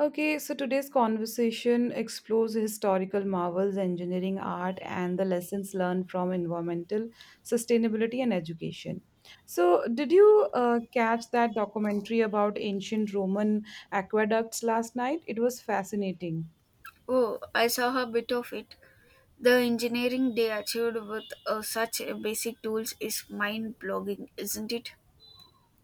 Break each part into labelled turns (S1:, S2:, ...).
S1: Okay, so today's conversation explores historical marvels, engineering, art, and the lessons learned from environmental sustainability and education. So, did you catch that documentary about ancient Roman aqueducts last night? It was fascinating.
S2: Oh, I saw a bit of it. The engineering they achieved with such basic tools is mind blogging, isn't it?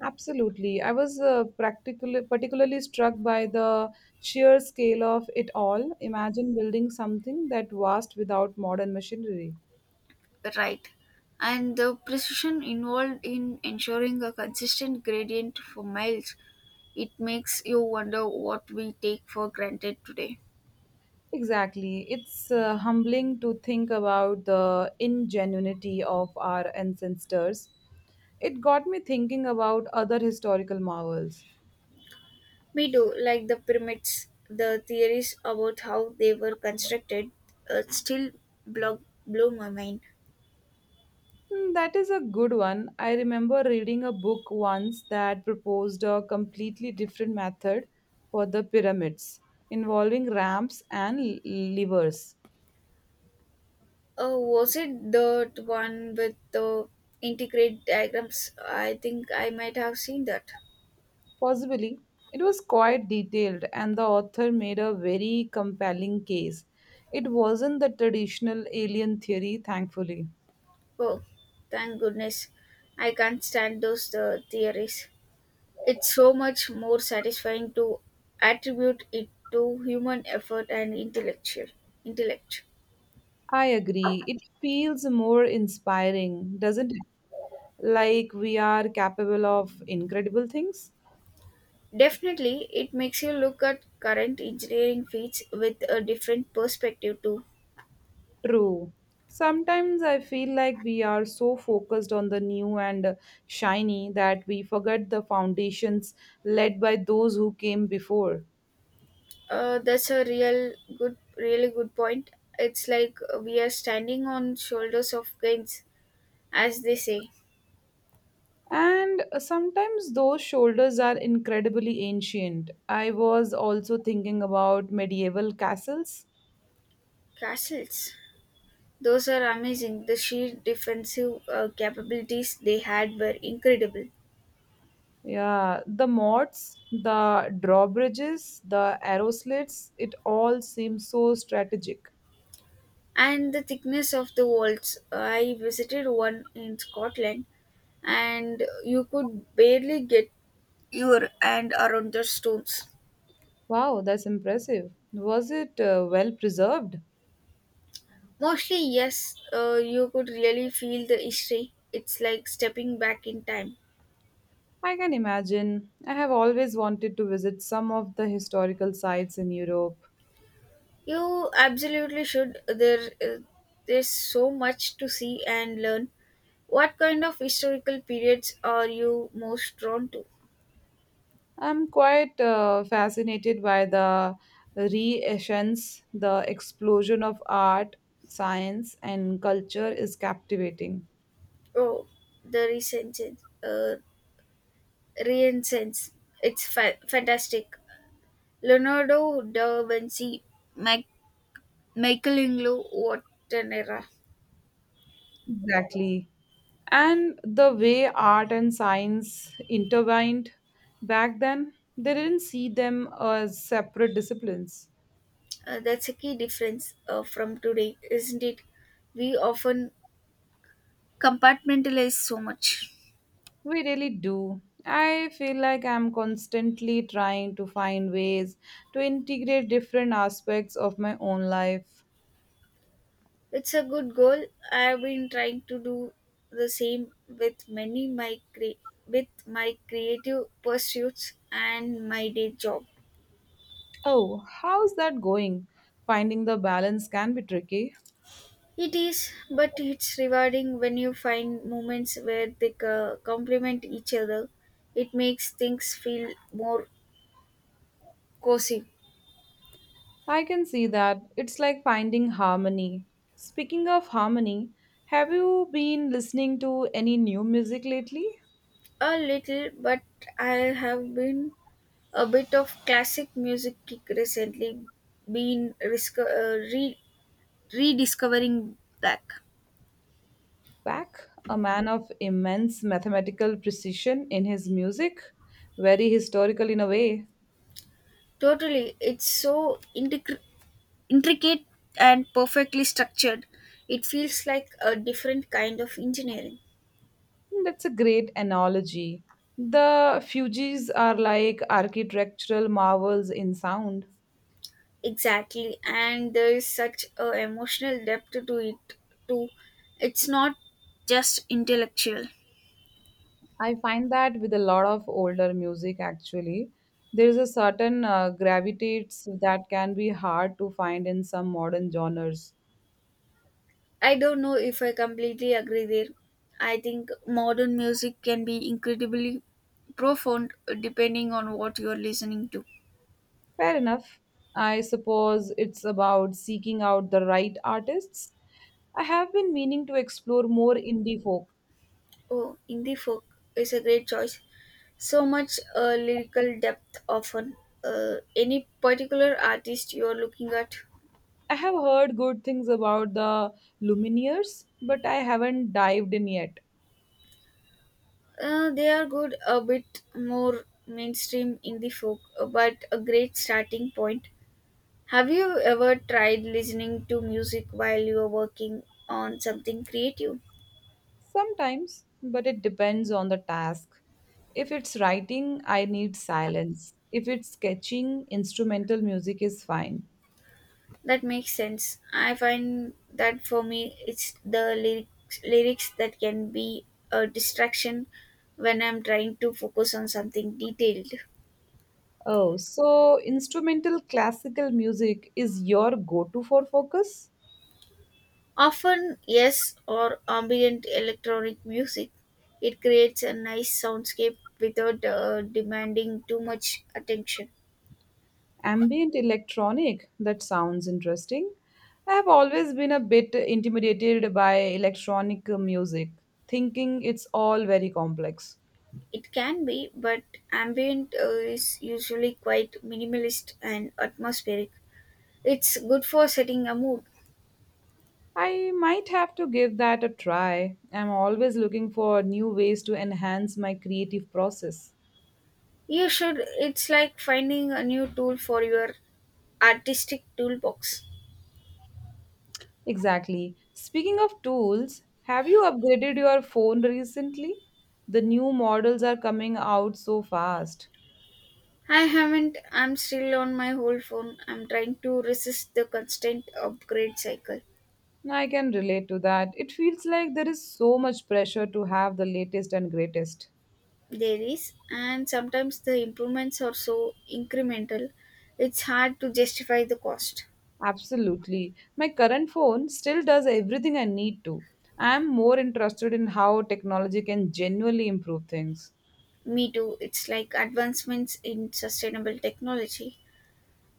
S1: Absolutely. I was particularly struck by the sheer scale of it all. Imagine building something that vast without modern machinery.
S2: Right. And the precision involved in ensuring a consistent gradient for miles, it makes you wonder what we take for granted today.
S1: Exactly. It's humbling to think about the ingenuity of our ancestors. It got me thinking about other historical marvels.
S2: We do, like the pyramids, the theories about how they were constructed uh, still blow, blow my mind.
S1: Hmm, that is a good one. I remember reading a book once that proposed a completely different method for the pyramids, involving ramps and levers.
S2: Oh, was it that one with the integrate diagrams? I think I might have seen that.
S1: Possibly. It was quite detailed, and the author made a very compelling case. It wasn't the traditional alien theory, thankfully.
S2: Oh, thank goodness. I can't stand those theories. It's so much more satisfying to attribute it to human effort and intellect.
S1: I agree. It feels more inspiring, doesn't it? Like we are capable of incredible things.
S2: Definitely, it makes you look at current engineering feats with a different perspective too.
S1: True. Sometimes I feel like we are so focused on the new and shiny that we forget the foundations led by those who came before.
S2: That's a really good point. It's like we are standing on shoulders of giants, as they say.
S1: And sometimes those shoulders are incredibly ancient. I was also thinking about medieval castles.
S2: Castles. Those are amazing. The sheer defensive capabilities they had were incredible.
S1: Yeah, the moats, the drawbridges, the arrow slits, it all seems so strategic.
S2: And the thickness of the walls. I visited one in Scotland and you could barely get your hand around the stones.
S1: Wow, that's impressive. Was it well preserved?
S2: Mostly, yes, you could really feel the history. It's like stepping back in time.
S1: I can imagine. I have always wanted to visit some of the historical sites in Europe.
S2: You absolutely should. There's so much to see and learn. What kind of historical periods are you most drawn to?
S1: I'm quite fascinated by the renaissance, the explosion of art, science, and culture is captivating.
S2: Oh, the Renaissance. Uh, Renaissance. It's fantastic. Leonardo da Vinci, Mac- Michelangelo, what an era.
S1: Exactly. And the way art and science intertwined back then, they didn't see them as separate disciplines.
S2: That's a key difference from today, isn't it? We often compartmentalize so much.
S1: We really do. I feel like I'm constantly trying to find ways to integrate different aspects of my own life.
S2: It's a good goal. I've been trying to do the same with with my creative pursuits and my day job.
S1: Oh, how's that going? Finding the balance can be tricky.
S2: It is, but it's rewarding when you find moments where they complement each other. It makes things feel more cozy.
S1: I can see that. It's like finding harmony. Speaking of harmony, have you been listening to any new music lately?
S2: A little, but I have been a bit of classic music kick recently, been rediscovering that.
S1: Bach, a man of immense mathematical precision in his music, very historical in a way.
S2: Totally. It's so intricate and perfectly structured. It feels like a different kind of engineering.
S1: That's a great analogy. The Fugees are like architectural marvels in sound.
S2: Exactly. And there is such a emotional depth to it too. It's not just intellectual.
S1: I find that with a lot of older music, actually, there is a certain gravitates that can be hard to find in some modern genres.
S2: I don't know if I completely agree there. I think modern music can be incredibly profound depending on what you're listening to.
S1: Fair enough. I suppose it's about seeking out the right artists. I have been meaning to explore more indie folk.
S2: Oh, indie folk is a great choice. So much lyrical depth often. Any particular artist you are looking at?
S1: I have heard good things about the Lumineers, but I haven't dived in yet.
S2: They are good, a bit more mainstream indie folk, but a great starting point. Have you ever tried listening to music while you are working on something creative?
S1: Sometimes, but it depends on the task. If it's writing, I need silence. If it's sketching, instrumental music is fine.
S2: That makes sense. I find that for me, it's the lyrics that can be a distraction when I'm trying to focus on something detailed.
S1: Oh, so instrumental classical music is your go to for focus?
S2: Often, yes, or ambient electronic music. It creates a nice soundscape without demanding too much attention.
S1: Ambient electronic, that sounds interesting. I have always been a bit intimidated by electronic music, thinking it's all very complex.
S2: It can be, but ambient is usually quite minimalist and atmospheric. It's good for setting a mood.
S1: I might have to give that a try. I'm always looking for new ways to enhance my creative process.
S2: You should. It's like finding a new tool for your artistic toolbox.
S1: Exactly. Speaking of tools, have you upgraded your phone recently? The new models are coming out so fast.
S2: I haven't. I'm still on my old phone. I'm trying to resist the constant upgrade cycle.
S1: I can relate to that. It feels like there is so much pressure to have the latest and greatest.
S2: There is, and sometimes the improvements are so incremental, it's hard to justify the cost.
S1: Absolutely. My current phone still does everything I need to. I am more interested in how technology can genuinely improve things.
S2: Me too. It's like advancements in sustainable technology.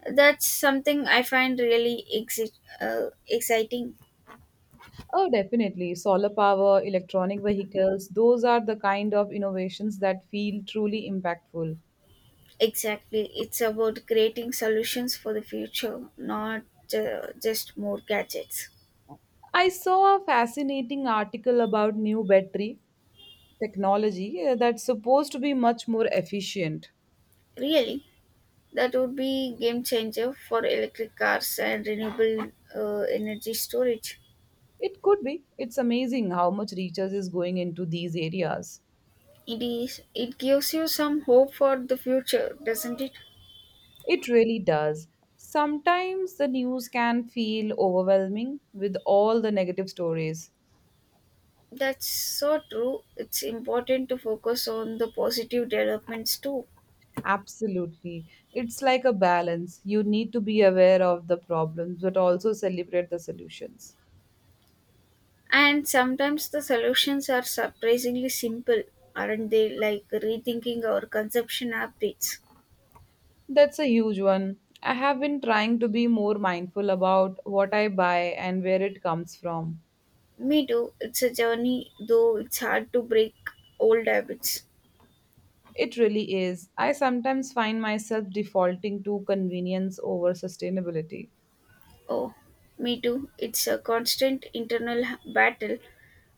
S2: That's something I find really exciting.
S1: Oh, definitely. Solar power, electronic vehicles, those are the kind of innovations that feel truly impactful.
S2: Exactly. It's about creating solutions for the future, not just more gadgets.
S1: I saw a fascinating article about new battery technology that's supposed to be much more efficient.
S2: Really, that would be game changer for electric cars and renewable energy storage.
S1: It could be. It's amazing how much research is going into these areas.
S2: It is. It gives you some hope for the future, doesn't it?
S1: It really does. Sometimes the news can feel overwhelming with all the negative stories.
S2: That's so true. It's important to focus on the positive developments too.
S1: Absolutely. It's like a balance. You need to be aware of the problems but also celebrate the solutions.
S2: And sometimes the solutions are surprisingly simple, aren't they? Like rethinking our consumption habits.
S1: That's a huge one. I have been trying to be more mindful about what I buy and where it comes from.
S2: Me too. It's a journey, though it's hard to break old habits.
S1: It really is. I sometimes find myself defaulting to convenience over sustainability.
S2: Oh, me too. It's a constant internal battle.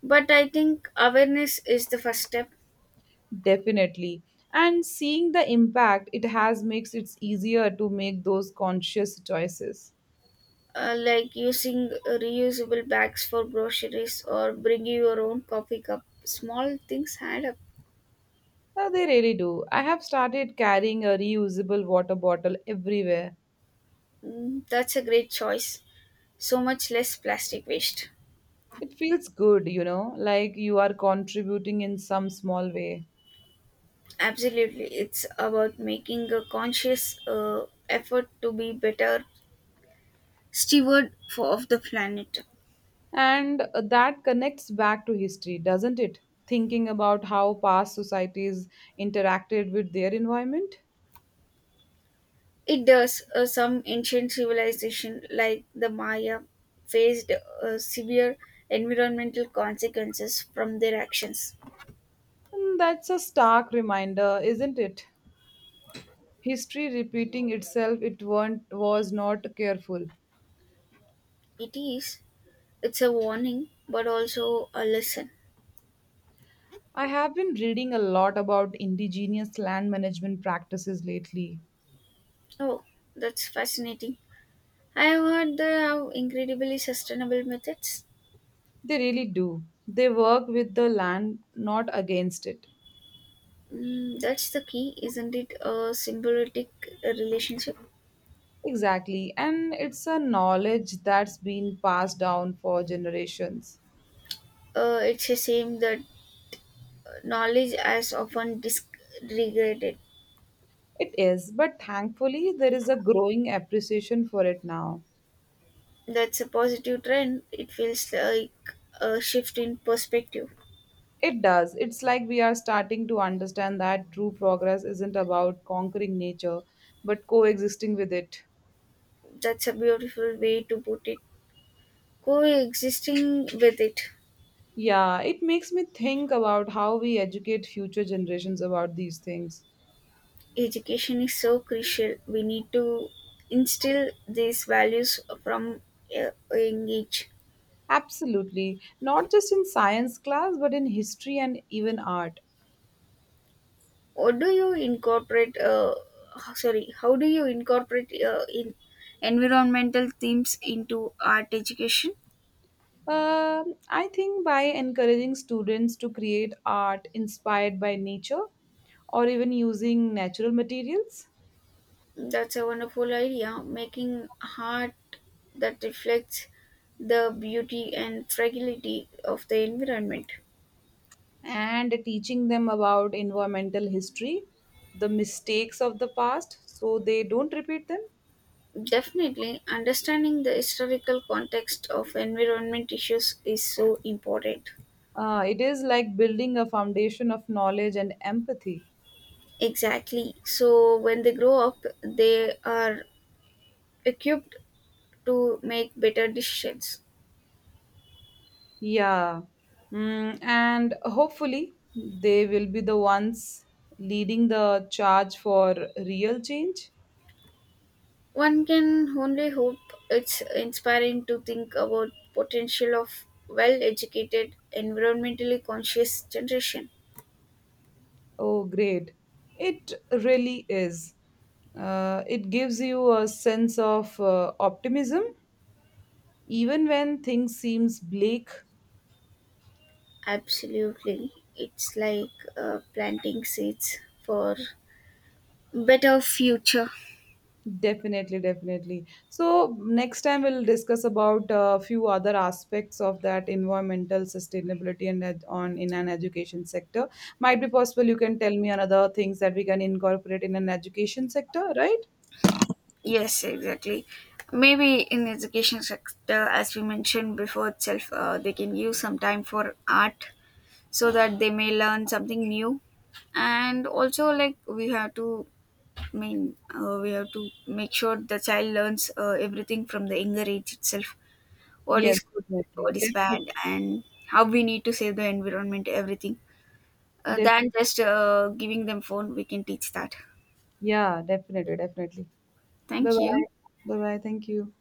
S2: But I think awareness is the first step,
S1: Definitely. And seeing the impact it has makes it easier to make those conscious choices.
S2: like using reusable bags for groceries or bringing your own coffee cup. Small things add up.
S1: No, they really do. I have started carrying a reusable water bottle everywhere.
S2: Mm, that's a great choice. So much less plastic waste.
S1: It feels good, you know, like you are contributing in some small way.
S2: Absolutely. It's about making a conscious effort to be better of the planet.
S1: And that connects back to history, doesn't it? Thinking about how past societies interacted with their environment.
S2: It does. Some ancient civilization like the Maya faced severe environmental consequences from their actions.
S1: And that's a stark reminder, isn't it? History repeating itself, it weren't, was not careful.
S2: It is. It's a warning, but also a lesson.
S1: I have been reading a lot about indigenous land management practices lately.
S2: Oh, that's fascinating. I have heard they have incredibly sustainable methods.
S1: They really do. They work with the land, not against it.
S2: Mm, that's the key, isn't it? A symbiotic relationship.
S1: Exactly. And it's a knowledge that's been passed down for generations.
S2: It's a shame that knowledge has often disregarded.
S1: It is, but thankfully, there is a growing appreciation for it now.
S2: That's a positive trend. It feels like a shift in perspective.
S1: It does. It's like we are starting to understand that true progress isn't about conquering nature, but coexisting with it.
S2: That's a beautiful way to put it. Coexisting with it,
S1: Yeah, it makes me think about how we educate future generations about these things.
S2: education is so crucial. We need to instill these values from a young age.
S1: Absolutely. Not just in science class, but in history and even art.
S2: What do you incorporate? Sorry, how do you incorporate in environmental themes into art education?
S1: I think by encouraging students to create art inspired by nature or even using natural materials,
S2: That's a wonderful idea, making art that reflects the beauty and fragility of the environment.
S1: and teaching them about environmental history, the mistakes of the past, so they don't repeat them.
S2: Definitely, understanding the historical context of environment issues is so important.
S1: It is like building a foundation of knowledge and empathy.
S2: Exactly. So, when they grow up, they are equipped to make better decisions.
S1: Yeah. Mm, and hopefully, they will be the ones leading the charge for real change.
S2: One can only hope it's inspiring to think about potential of well-educated, environmentally conscious generation.
S1: Oh, great. It really is. It gives you a sense of optimism even when things seems bleak.
S2: Absolutely, it's like planting seeds for better future.
S1: Definitely, definitely. So next time we'll discuss about a few other aspects of that environmental sustainability and on in an education sector. Might be possible you can tell me another things that we can incorporate in an education sector, right?
S2: Yes, exactly. Maybe in education sector, as we mentioned before itself, they can give some time for art so that they may learn something new. And also, like we have to we have to make sure the child learns everything from the younger age itself. What
S1: Yes,
S2: is good,
S1: definitely.
S2: what is bad,
S1: Definitely.
S2: and how we need to save the environment, everything.
S1: Def-
S2: Than just giving them phone, we can teach that.
S1: yeah, definitely, definitely. Bye
S2: Thank
S1: bye.
S2: you.
S1: Bye bye. Thank you.